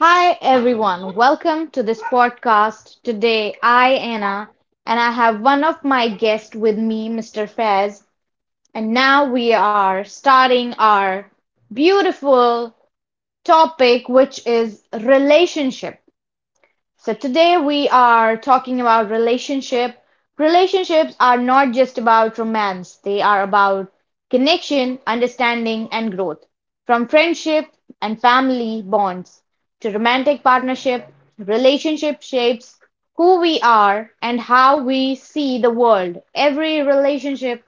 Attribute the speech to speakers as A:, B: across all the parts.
A: Hi everyone, welcome to this podcast. Today I Anna and I have one of my guests with me, Mr. Fez, and now we are starting our beautiful topic which is relationship. So today we are talking about relationship. Relationships are not just about romance. They are about connection, understanding and growth. From friendship and family bonds to romantic partnership, relationship shapes who we are and how we see the world. Every relationship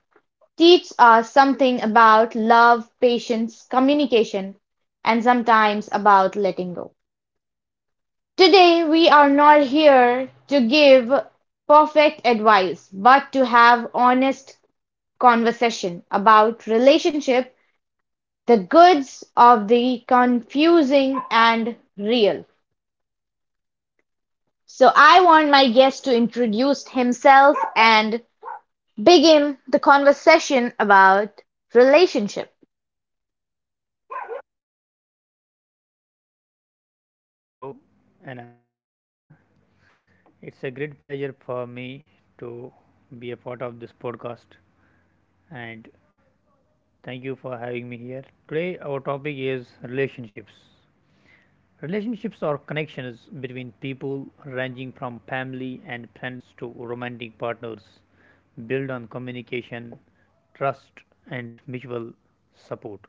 A: teaches us something about love, patience, communication, and sometimes about letting go. Today we are not here to give perfect advice, but to have honest conversation about relationship, the goods of the confusing and real. So I want my guest to introduce himself and begin the conversation about relationship.
B: Hello, Anna. It's a great pleasure for me to be a part of this podcast and thank you for having me here. Today, our topic is relationships. Relationships are connections between people ranging from family and friends to romantic partners, built on communication, trust, and mutual support,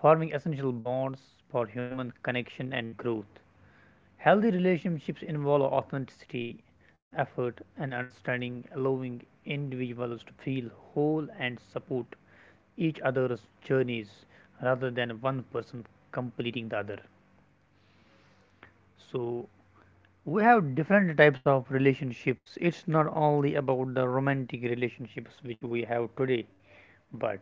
B: forming essential bonds for human connection and growth. Healthy relationships involve authenticity, effort, and understanding, allowing individuals to feel whole and support each other's journeys rather than one person completing the other. So, we have different types of relationships. It's not only about the romantic relationships which we have today, but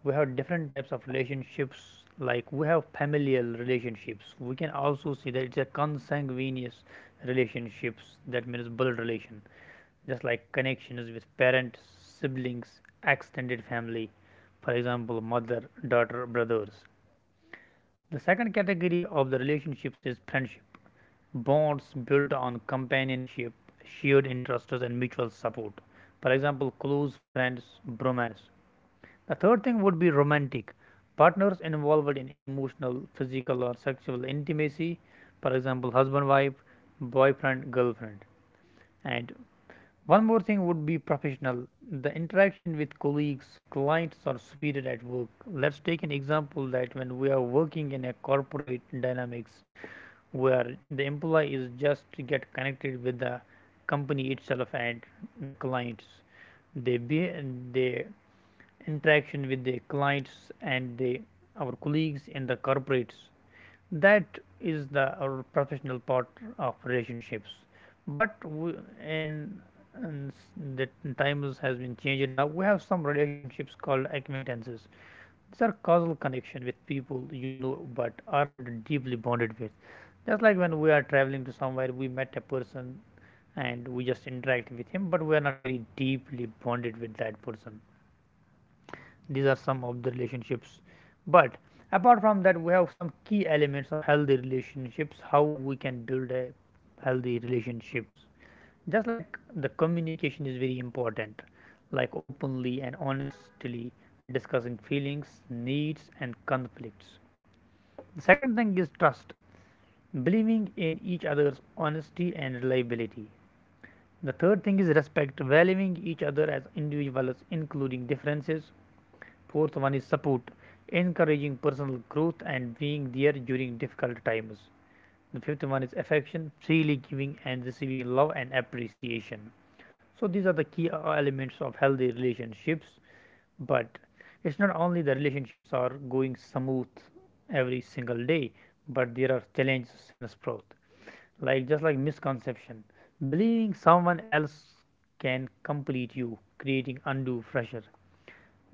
B: we have different types of relationships. Like, we have familial relationships. We can also see that it's a consanguineous relationships, that means blood relation, just like connections with parents, siblings, extended family. For example, mother, daughter, brothers. The second category of the relationships is friendship, bonds built on companionship, shared interests and mutual support. For example, close friends, bromance. The third thing would be romantic. Partners involved in emotional, physical, or sexual intimacy, for example, husband wife, boyfriend girlfriend. And one more thing would be professional, the interaction with colleagues, clients, or superior at work. Let's take an example that when we are working in a corporate dynamics where the employee is just to get connected with the company itself and the clients, they be they interaction with the clients and the our colleagues in the corporates, that is the our professional part of relationships. But we, in, in the times has been changed. Now we have some relationships called acquaintances. These are causal connection with people you know but aren't deeply bonded with. Just like when we are traveling to somewhere, we met a person and we just interact with him, but we are not very deeply bonded with that person. These are some of the relationships. But apart from that, we have some key elements of healthy relationships, how we can build a healthy relationships. Just like the communication is very important, like openly and honestly discussing feelings, needs and conflicts. The second thing is trust, believing in each other's honesty and reliability. The third thing is respect, valuing each other as individuals including differences. Fourth one is support, encouraging personal growth and being there during difficult times. The fifth one is affection, freely giving and receiving love and appreciation. So these are the key elements of healthy relationships, but it's not only the relationships are going smooth every single day, but there are challenges and growth. Like, just like misconception, believing someone else can complete you, creating undue pressure.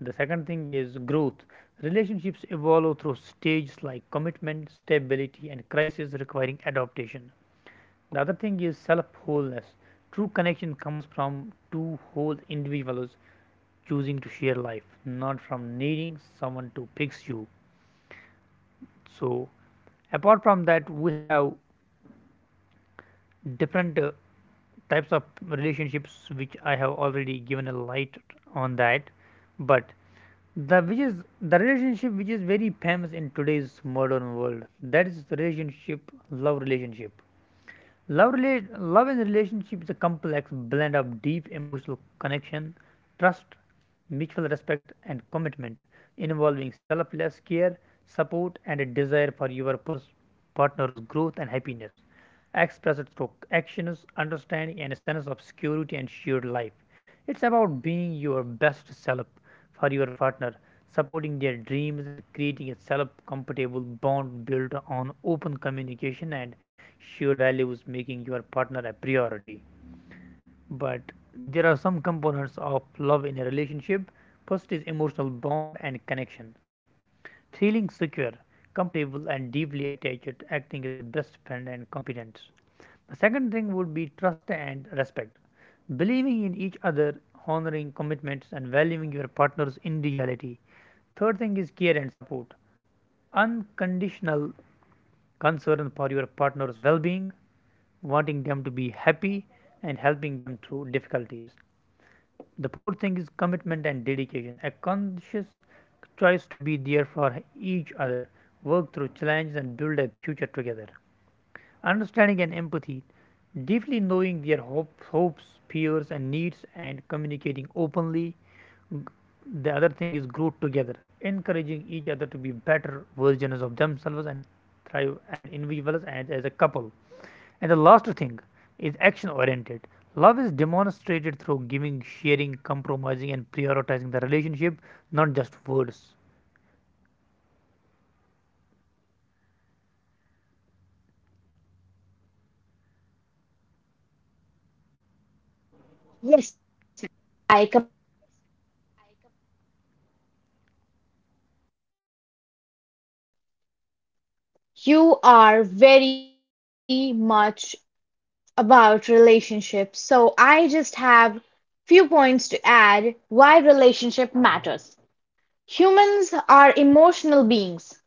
B: The second thing is growth. Relationships evolve through stages like commitment, stability, and crisis requiring adaptation. The other thing is self wholeness. True connection comes from two whole individuals choosing to share life, not from needing someone to fix you. So, apart from that, we have different types of relationships which I have already given a light on that. But the which is the relationship which is very famous in today's modern world, that is the relationship, love relationship, love rela- love and relationship is a complex blend of deep emotional connection, trust, mutual respect and commitment, involving selfless care, support and a desire for your partner's growth and happiness, expressed through actions, understanding and a sense of security and shared life. It's about being your best self for your partner, supporting their dreams and creating a self compatible bond built on open communication and shared values, making your partner a priority. But there are some components of love in a relationship. First is emotional bond and connection. Feeling secure, comfortable, and deeply attached, acting as a best friend and confidence. The second thing would be trust and respect. Believing in each other, honoring commitments, and valuing your partner's individuality. Third thing is care and support. Unconditional concern for your partner's well being, wanting them to be happy, and helping them through difficulties. The fourth thing is commitment and dedication. A conscious choice to be there for each other, work through challenges, and build a future together. Understanding and empathy. Deeply knowing their hopes, fears, and needs, and communicating openly. The other thing is growth together, encouraging each other to be better versions of themselves and thrive and individuals and as a couple. And the last thing is action oriented. Love is demonstrated through giving, sharing, compromising, and prioritizing the relationship, not just words.
A: Yes, ma'am. I you are very much about relationships, so I just have few points to add why relationship matters. Humans are emotional beings,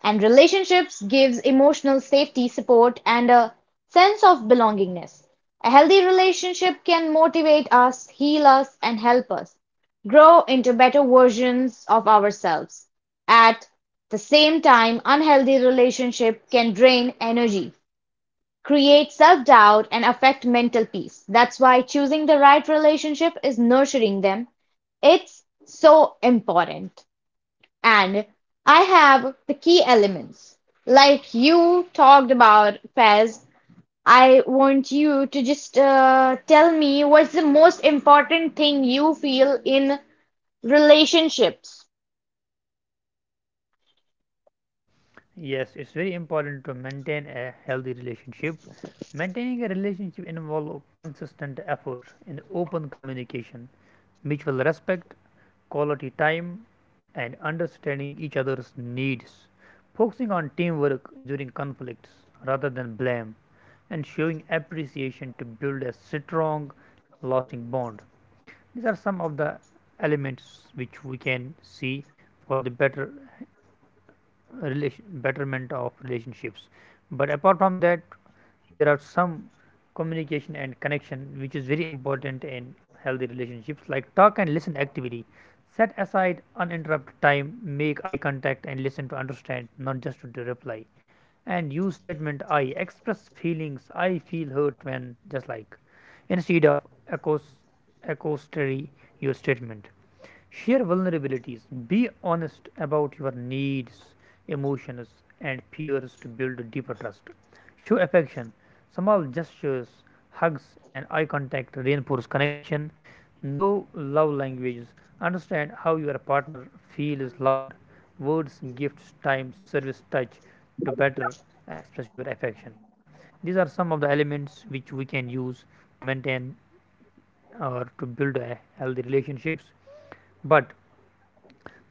A: and relationships gives emotional safety, support, and a sense of belongingness. A healthy relationship can motivate us, heal us, and help us grow into better versions of ourselves. At the same time, unhealthy relationship can drain energy, create self-doubt and affect mental peace. That's why choosing the right relationship is nurturing them. It's so important. And I have the key elements. Like you talked about, Fez, I want you to just tell me what's the most important thing you feel in relationships.
B: Yes, it's very important to maintain a healthy relationship. Maintaining a relationship involves consistent effort and open communication, mutual respect, quality time, and understanding each other's needs. Focusing on teamwork during conflicts rather than blame and showing appreciation to build a strong, lasting bond. These are some of the elements which we can see for the better relation, betterment of relationships. But apart from that, there are some communication and connection which is very important in healthy relationships, like talk and listen activity. Set aside uninterrupted time, make eye contact, and listen to understand, not just to reply, and use statement I express feelings I feel hurt when, just like, instead of accos- accusatory use statement. Share vulnerabilities. Be honest about your needs, emotions, and fears to build deeper trust. Show affection. Small gestures, hugs, and eye contact reinforce connection. Know love languages. Understand how your partner feels loved. Words, gifts, time, service, touch to better express your affection. These are some of the elements which we can use to maintain or to build a healthy relationships. But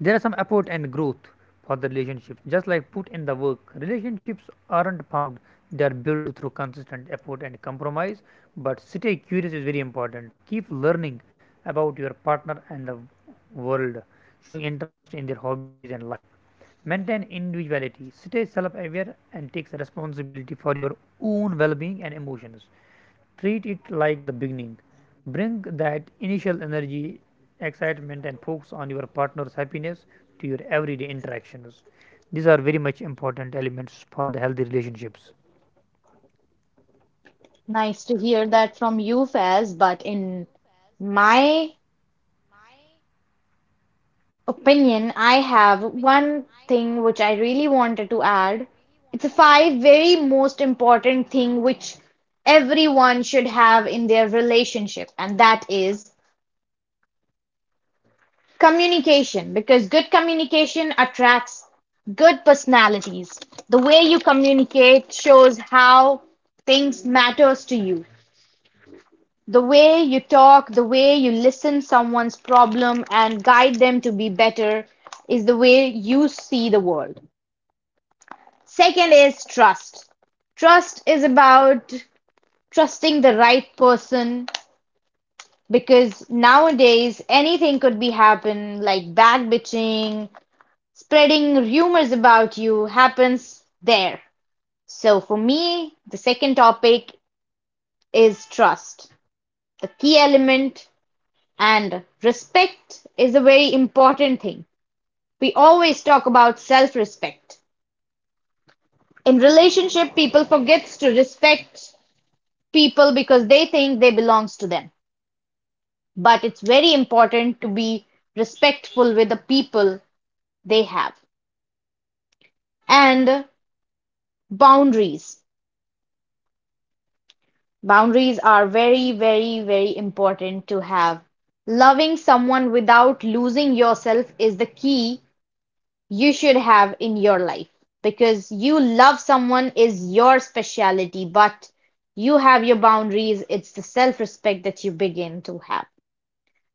B: there are some effort and growth for the relationship. Just like put in the work, relationships aren't found, they are built through consistent effort and compromise. But stay curious is very important. Keep learning about your partner and the world, showing interest in their hobbies and life. Maintain individuality, stay self aware, and take responsibility for your own well being and emotions. Treat it like the beginning. Bring that initial energy, excitement, and focus on your partner's happiness to your everyday interactions. These are very much important elements for the healthy relationships.
A: Nice to hear that from you, Fez, but in my opinion I have, one thing which I really wanted to add, it's the five very most important thing which everyone should have in their relationship, and that is communication. Because good communication attracts good personalities. The way you communicate shows how things matters to you. The way you talk, the way you listen someone's problem and guide them to be better is the way you see the world. Second is trust. Trust is about trusting the right person because nowadays anything could be happen like bad bitching, spreading rumors about you happens there. So for me, the second topic is trust, the key element and respect is a very important thing. We always talk about self-respect. In relationship, people forgets to respect people because they think they belongs to them. But it's very important to be respectful with the people they have. And boundaries. Boundaries are very, very, very important to have. Loving someone without losing yourself is the key you should have in your life because you love someone is your speciality, but you have your boundaries. It's the self respect that you begin to have.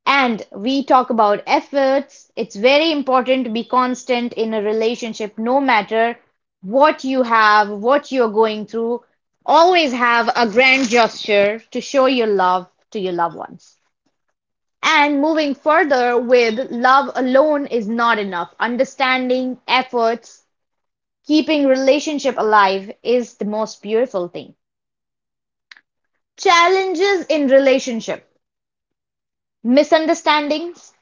A: And we talk about efforts. It's very important to be constant in a relationship, no matter what you have, what you're going through. Always have a grand gesture to show your love to your loved ones. And moving further with love alone is not enough. Understanding, efforts, keeping relationship alive is the most beautiful thing. Challenges in relationship. Misunderstandings,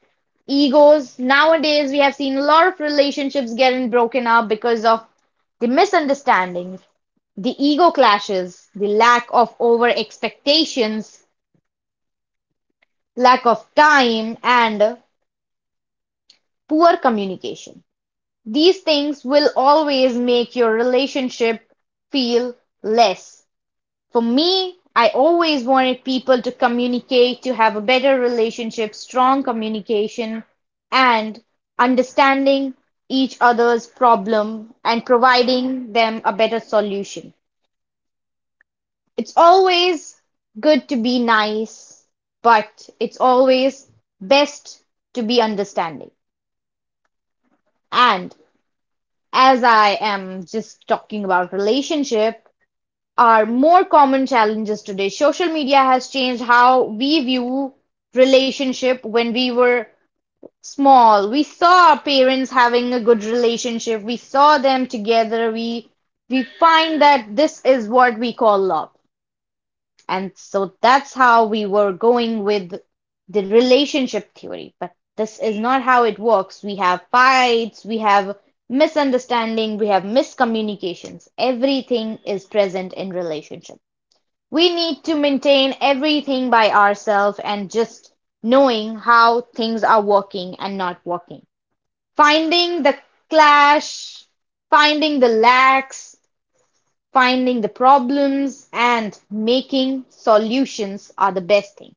A: egos. Nowadays, we have seen a lot of relationships getting broken up because of the misunderstanding, the ego clashes, the lack of over expectations, lack of time, and poor communication. These things will always make your relationship feel less. For me, I always wanted people to communicate, to have a better relationship, strong communication, and understanding each other's problem and providing them a better solution. It's always good to be nice, but it's always best to be understanding. And as I am just talking about relationship, are more common challenges today. Social media has changed how we view relationship when we were small. We saw our parents having a good relationship. We saw them together. We find that this is what we call love. And so that's how we were going with the relationship theory. But this is not how it works. We have fights, we have misunderstanding, we have miscommunications. Everything is present in relationship. We need to maintain everything by ourselves and just knowing how things are working and not working. Finding the clash, finding the lacks, finding the problems, and making solutions are the best thing.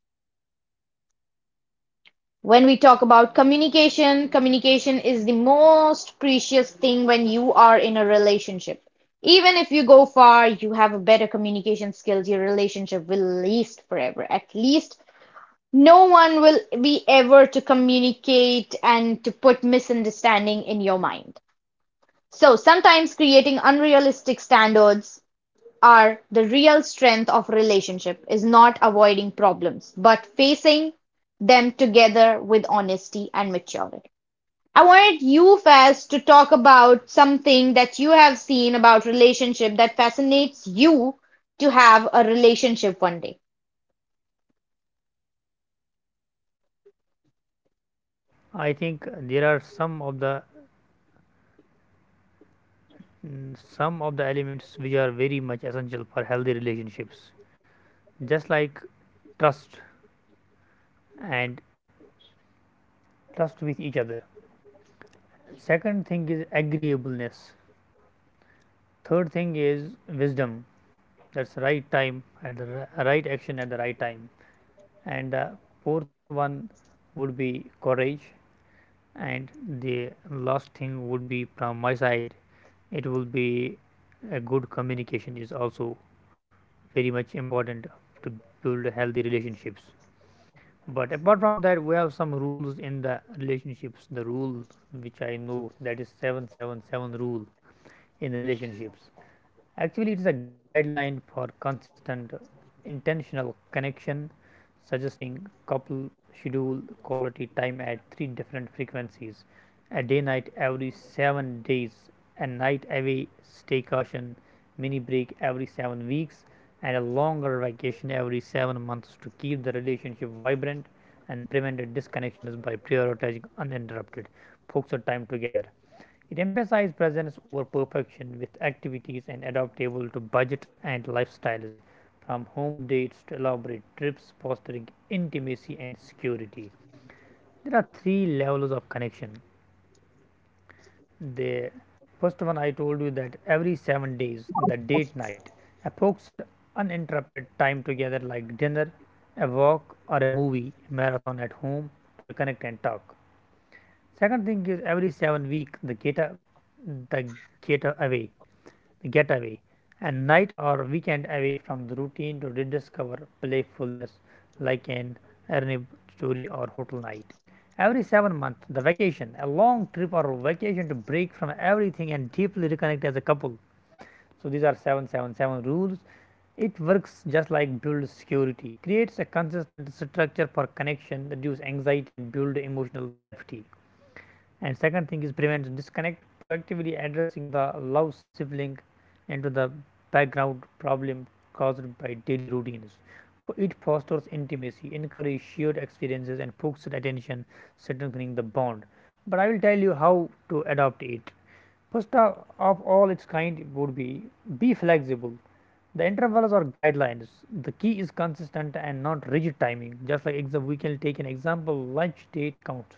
A: When we talk about communication, communication is the most precious thing when you are in a relationship. Even if you go far, you have a better communication skills, your relationship will last forever. At least no one will be ever to communicate and to put misunderstanding in your mind. So sometimes creating unrealistic standards are the real strength of relationship is not avoiding problems, but facing them together with honesty and maturity. I wanted you, Faz, to talk about something that you have seen about relationship that fascinates you to have a relationship one day.
B: I think there are some of the some of the elements which are very much essential for healthy relationships, just like trust and trust with each other. Second thing is agreeableness. Third thing is wisdom. That's right time at the right action at the right time. And fourth one would be courage, and the last thing would be, from my side, it will be a good communication is also very much important to build healthy relationships. But apart from that, we have some rules in the relationships. The rule which I know, that is 777 rule in relationships. Actually, it is a guideline for consistent, intentional connection, suggesting couple schedule quality time at 3 different frequencies: a day night every 7 days, a night away staycation, mini break every 7 weeks, and a longer vacation every 7 months to keep the relationship vibrant and prevent disconnections by prioritizing uninterrupted focused time together. It emphasizes presence over perfection with activities and adaptable to budget and lifestyles, from home dates to elaborate trips, fostering intimacy and security. There are 3 levels of connection. The first one I told you, that every 7 days, the date night, a focused, uninterrupted time together like dinner, a walk, or a movie, a marathon at home to reconnect and talk. Second thing is every 7 week, the get away getaway, a night or weekend away from the routine to rediscover playfulness like an Arnib story or hotel night. Every 7 months, the vacation, a long trip or vacation to break from everything and deeply reconnect as a couple. So these are 777 rules. It works just like build security, creates a consistent structure for connection, reduce anxiety, and build emotional safety. And second thing is prevention disconnect, proactively addressing the love sibling into the background problem caused by daily routines. It fosters intimacy, encourages shared experiences and focuses attention, strengthening the bond. But I will tell you how to adopt it. First of all, its kind would be flexible. The intervals are guidelines. The key is consistent and not rigid timing. Just like, we can take an example, lunch date counts.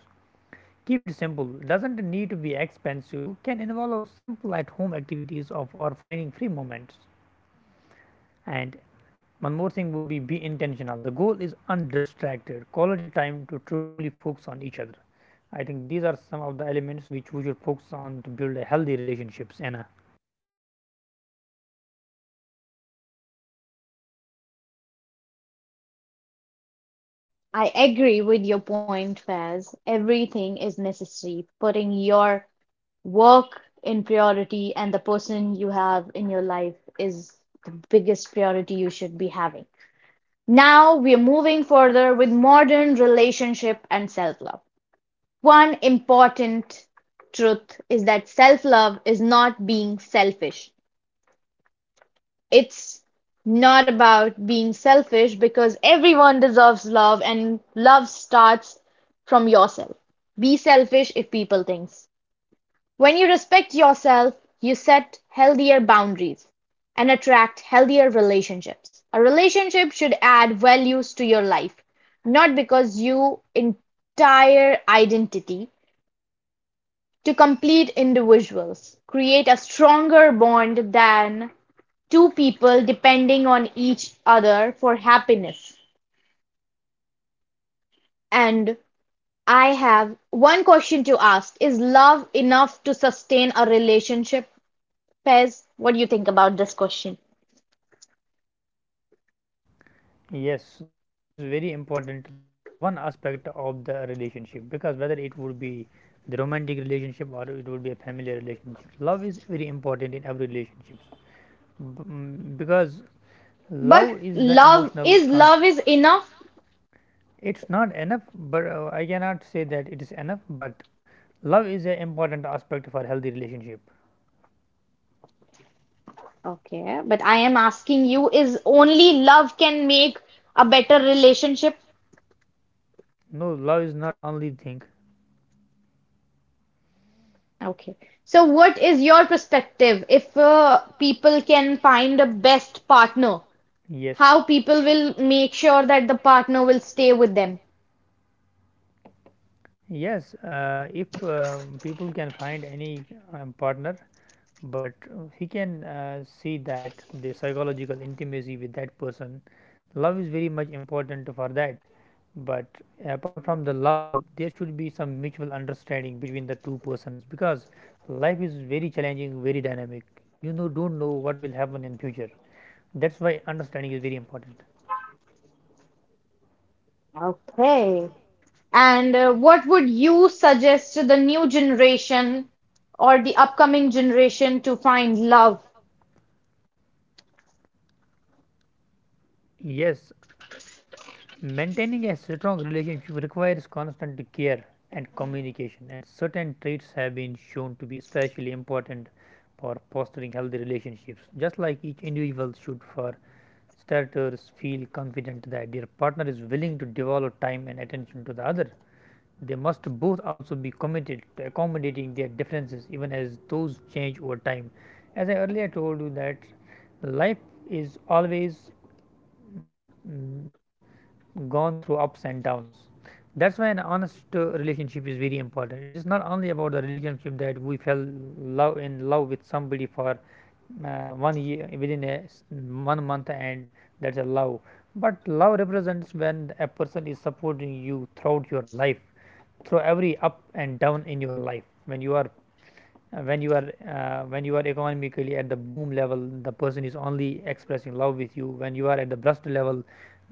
B: Keep it simple, doesn't need to be expensive, can involve simple at home activities of or finding free moments. And one more thing would be intentional. The goal is undistracted, quality time to truly focus on each other. I think these are some of the elements which we should focus on to build a healthy relationships, Anna.
A: I agree with your point, Faz. Everything is necessary. Putting your work in priority and the person you have in your life is the biggest priority you should be having. Now we are moving further with modern relationship and self love. One important truth is that self love is not being selfish, it's not about being selfish because everyone deserves love and love starts from yourself. Be selfish if people thinks. When you respect yourself, you set healthier boundaries and attract healthier relationships. A relationship should add values to your life, not because you entire identity to complete individuals. Create a stronger bond than two people depending on each other for happiness. And I have one question to ask. Is love enough to sustain a relationship? Pez, what do you think about this question?
B: Yes, love is very important. Love is one aspect of the relationship, because whether it would be the romantic relationship or it would be a family relationship, love is very important in every relationship. Because
A: But
B: love is the emotional
A: love is enough?
B: it's not enough. But I cannot say that it is enough, but love is an important aspect for healthy relationship.
A: Okay, but I am asking you is only love can make a better relationship?
B: No, love is not only thing.
A: Okay. So what is your perspective if people can find a best partner
B: Yes.
A: how people will make sure that the partner will stay with them.
B: Yes, if people can find any partner, but he can see that the psychological intimacy with that person, love is very much important for that. But apart from the love there should be some mutual understanding between the two persons, because life is very challenging, very dynamic. You know don't know what will happen in future. That's why understanding is very important.
A: Okay. And what would you suggest to the new generation or the upcoming generation to find love?
B: Yes. Maintaining a strong relationship requires constant care and communication, and certain traits have been shown to be especially important for fostering healthy relationships. Just like each individual should, for starters, feel confident that their partner is willing to devote time and attention to the other. They must both also be committed to accommodating their differences, even as those change over time. As I earlier told you, that life is always mm, gone through ups and downs. That's why an honest relationship is very important. It is not only about the relationship that we fell love in love with somebody for uh, 1 year, within a 1 month, and that's a love. But love represents when a person is supporting you throughout your life, through every up and down in your life. When you are uh, when you are economically at the boom level, the person is only expressing love with you. When you are at the bust level,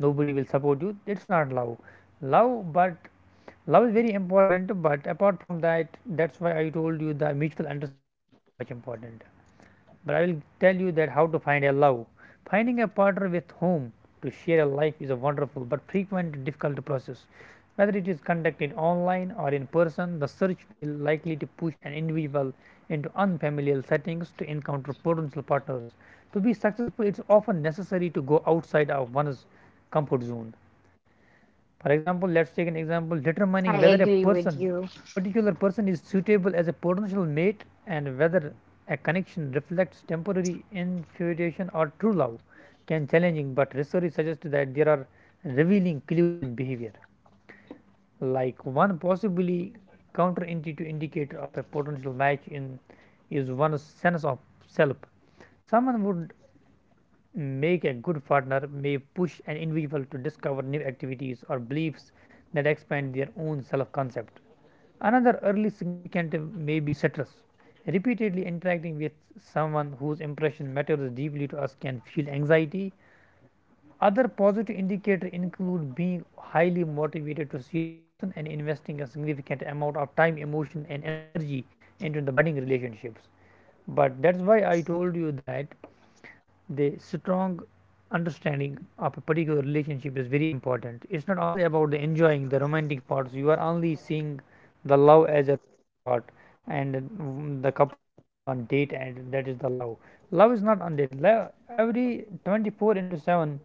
B: nobody will support you. It's not love, but love is very important. But apart from that, that's why I told you the mutual understanding is very much important. But I will tell you that how to find a love. Finding a partner with whom to share a life is a wonderful but frequent difficult process. Whether it is conducted online or in person, the search will likely to push an individual into unfamiliar settings to encounter potential partners. To be successful, it's often necessary to go outside of one's comfort zone. For example, let us take an example, determining
A: I
B: whether a
A: agree
B: person
A: with you.
B: particular person is suitable as a potential mate, and whether a connection reflects temporary infatuation or true love can challenging, but research suggests that there are revealing clues in behavior. Like one possibly counterintuitive indicator of a potential match in is one's sense of self. Someone would make a good partner may push an individual to discover new activities or beliefs that expand their own self concept. Another early significant may be stress. Repeatedly interacting with someone whose impression matters deeply to us can fuel anxiety. Other positive indicators include being highly motivated to see the person and investing a significant amount of time, emotion, and energy into the budding relationships. But that's why I told you that the strong understanding of a particular relationship is very important. It's not only about the enjoying the romantic parts. You are only seeing the love as a romantic part, and the couple are going on date, and that is the love. Love is not on date. Love every 24 into 7,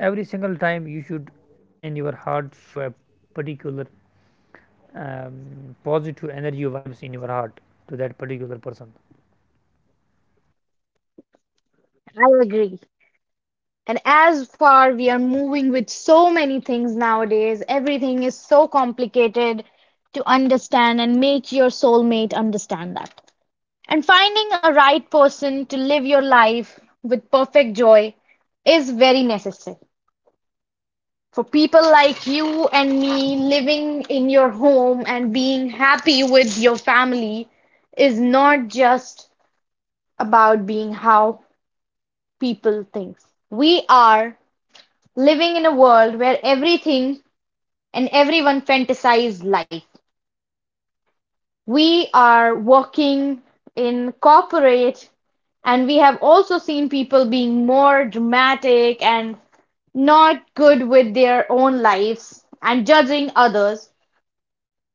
B: every single time you should in your heart show a particular um, positive energy vibes in your heart to that particular person.
A: I agree. And as far we are moving with so many things nowadays, everything is so complicated to understand and make your soulmate understand that. And finding a right person to live your life with perfect joy is very necessary. For people like you and me, living in your home and being happy with your family is not just about being how people think. We are living in a world where everything and everyone fantasize life. We are working in corporate and we have also seen people being more dramatic and not good with their own lives and judging others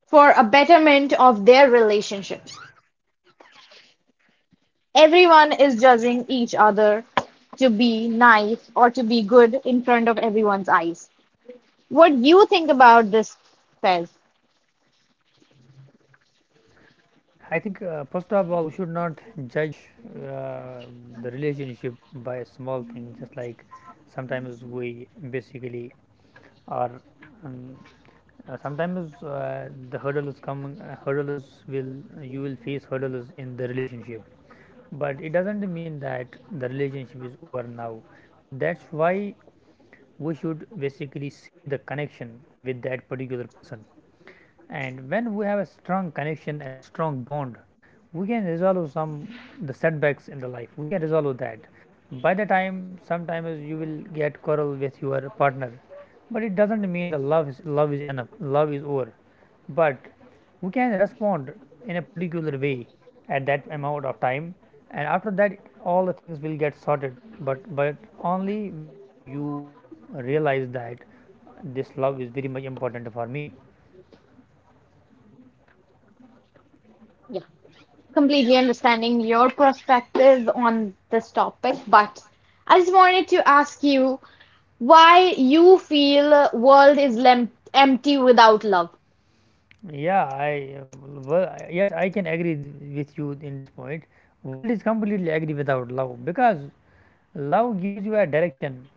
A: for a betterment of their relationships. Everyone is judging each other to be nice or to be good in front of everyone's eyes. What do you think about this, Fez?
B: I think first of all we should not judge uh, the relationship by a small thing. Just like sometimes we basically are um, sometimes the hurdle is will you will face hurdles in the relationship, but it doesn't mean that the relationship is over now. That's why we should basically see the connection with that particular person, and when we have a strong connection, a strong bond, we can resolve some the setbacks in the life. We can resolve that by the time. Sometimes you will get quarrel with your partner, but it doesn't mean the love is enough love is over, but we can respond in a particular way at that amount of time, and after that all the things will get sorted. But only when you realize that this love is very much important for me.
A: Yeah, completely understanding your perspective on this topic, but I just wanted to ask you why you feel world is lem empty without love.
B: Yeah, I yes, I can agree with you in this point. World is completely agree without love, because love gives you a direction,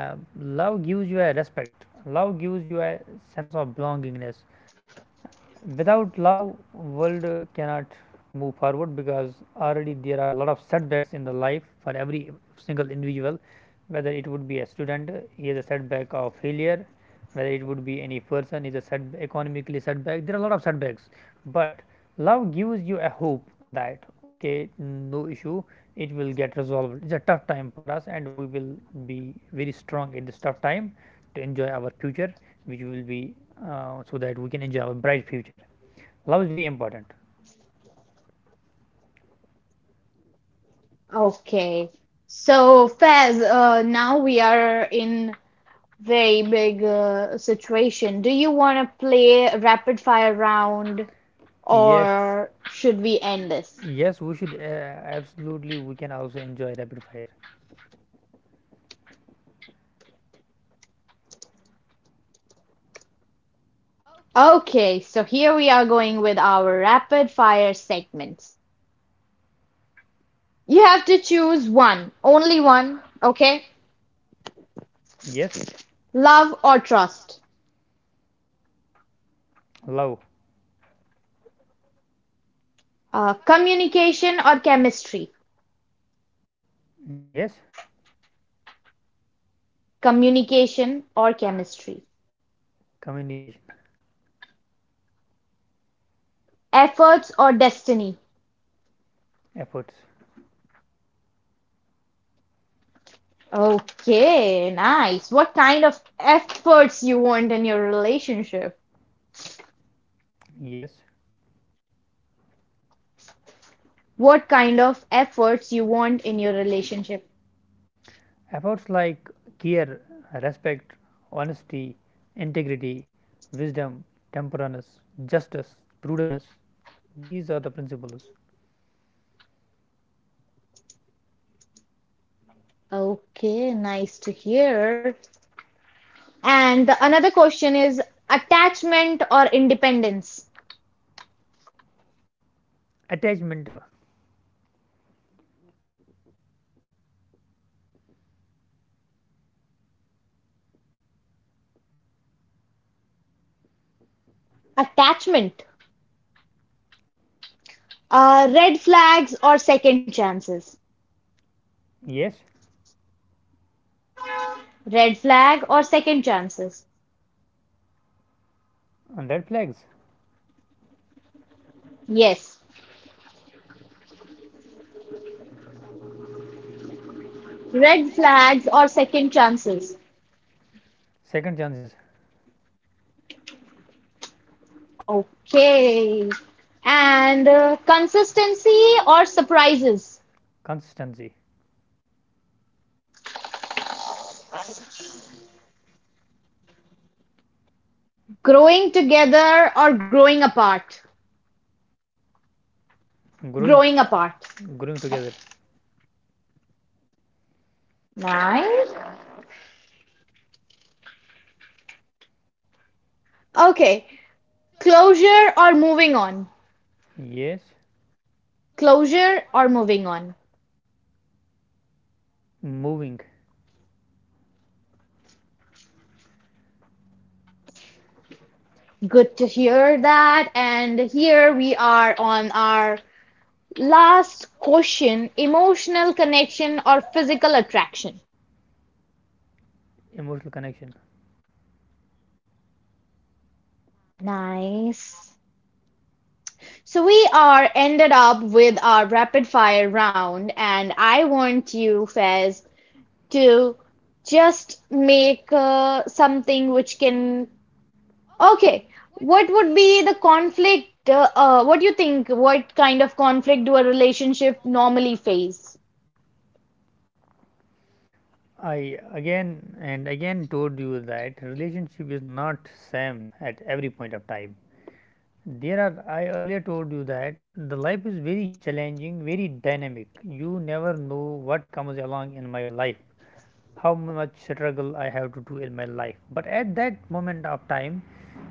B: uh, love gives you a respect, love gives you a sense of belongingness. Without love world cannot move forward, because already there are a lot of setbacks in the life for every single individual. Whether it would be a student, he has a setback of failure, whether it would be any person is a setback, economically setback, there are a lot of setbacks. But love gives you a hope that okay, no issue, it will get resolved. It's a tough time for us, and we will be very strong in this tough time to enjoy our future, which will be so that we can enjoy our bright future. Love is very important.
A: Okay. So, Fez, now we are in very big situation. Do you want to play a rapid fire round
B: Yes,
A: or should we end this?
B: yes, we should absolutely. We can also enjoy rapid fire.
A: Okay, so here we are going with our rapid fire segments. You have to choose one, only one, okay?
B: Yes,
A: Love or trust?
B: love.
A: Communication or chemistry?
B: Yes,
A: Communication or chemistry?
B: communication.
A: Efforts or destiny?
B: Efforts.
A: Okay, nice. What kind of efforts you want in your relationship?
B: Yes,
A: What kind of efforts you want in your relationship?
B: efforts like care, respect, honesty, integrity, wisdom, temperance, justice, prudence. These are the principles.
A: Okay, nice to hear. And the another question is attachment or independence?
B: Attachment.
A: Attachment. Red flags or second chances?
B: Yes,
A: Red flag or second chances?
B: and red flags.
A: Yes. Red flags or second chances?
B: Second chances,
A: Okay. And consistency or surprises?
B: consistency,
A: Growing together or growing apart?
B: growing
A: Growing apart.
B: growing together.
A: Nice. Okay. Closure or moving on?
B: Yes,
A: Closure or moving on?
B: moving.
A: Good to hear that. And here we are on our last question: emotional connection or physical attraction.
B: Emotional connection.
A: Nice. So we are ended up with our rapid fire round, and I want you, Fez, to just make something which can. Okay, what would be the conflict? What do you think? What kind of conflict do a relationship normally face?
B: I again and again told you that relationship is not same at every point of time. There are, I earlier told you, that the life is very challenging, very dynamic. You never know what comes along in my life, how much struggle I have to do in my life. But at that moment of time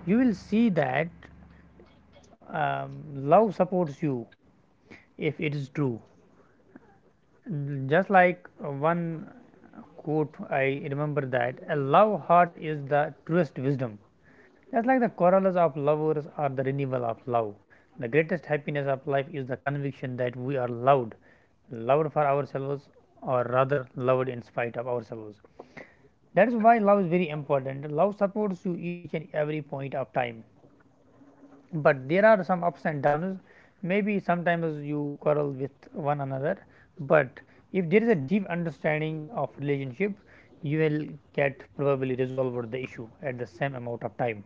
B: you will see that um, love supports you, if it is true. Mm. Just like one quote, I remember, that a love heart is the truest wisdom. Just like the quarrels of lovers are the renewal of love. The greatest happiness of life is the conviction that we are loved, loved for ourselves, or rather loved in spite of ourselves. That is why love is very important. Love supports you each and every point of time, but there are some ups and downs. Maybe sometimes you quarrel with one another, but if there is a deep understanding of relationship, you will get probably resolved the issue at the same amount of time.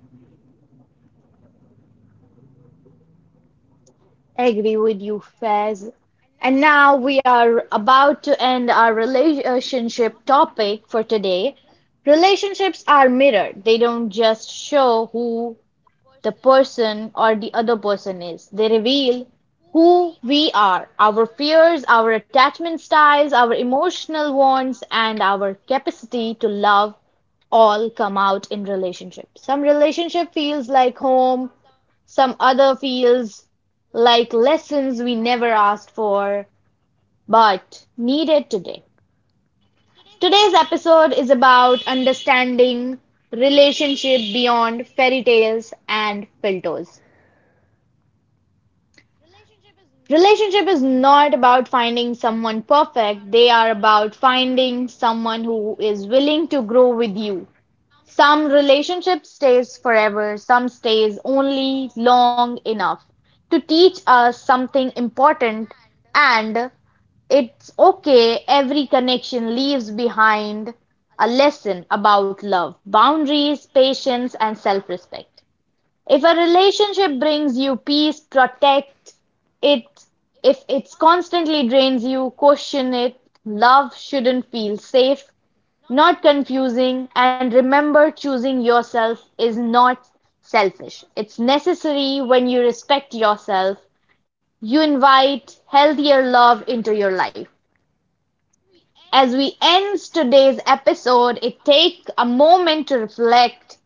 A: Agree with you, Faz. And now we are about to end our relationship topic for today. Relationships are mirrored. They don't just show who the person or the other person is. They reveal who we are, our fears, our attachment styles, our emotional wants, and our capacity to love all come out in relationships. Some relationship feels like home, some other feels like lessons we never asked for but needed today. Today's episode is about understanding relationship beyond fairy tales and filters. Relationship is not about finding someone perfect, they are about finding someone who is willing to grow with you. Some relationship stays forever, some stays only long enough to teach us something important, and it's okay, every connection leaves behind a lesson about love, boundaries, patience, and self respect. If a relationship brings you peace, protect it. If it constantly drains you, question it. Love shouldn't feel safe, not confusing, and remember choosing yourself is not selfish. It's necessary when you respect yourself, you invite healthier love into your life. As we end today's episode, it take a moment to reflect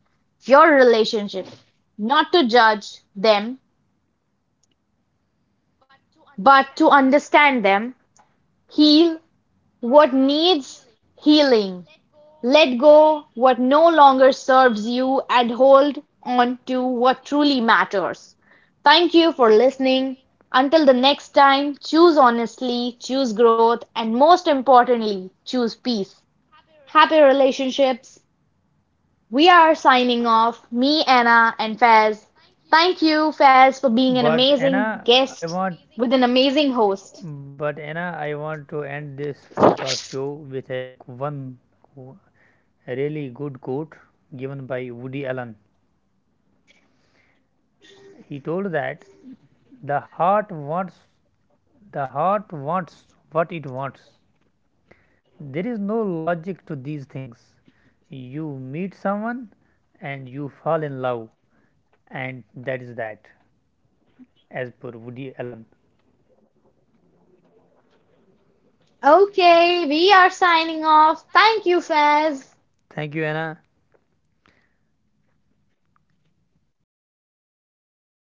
A: your relationship, not to judge them, but to understand them, heal what needs healing, let go what no longer serves you and hold on to what truly matters. Thank you for listening. Until the next time, choose honestly, choose growth, and most importantly, choose peace. Happy relationships. We are signing off, me, Anna, and Faz. Thank you, Faz, for being an
B: but
A: amazing
B: anna i
A: guest
B: want
A: with an amazing host.
B: but Anna, I want to end this podcast show with a one q- a really good quote given by Woody Allen. He told that the heart wants what it wants. There is no logic to these things. You meet someone and you fall in love, and that is that, as per Woody Allen.
A: Okay, we are signing off. Thank you, Faz.
B: Thank you, Anna.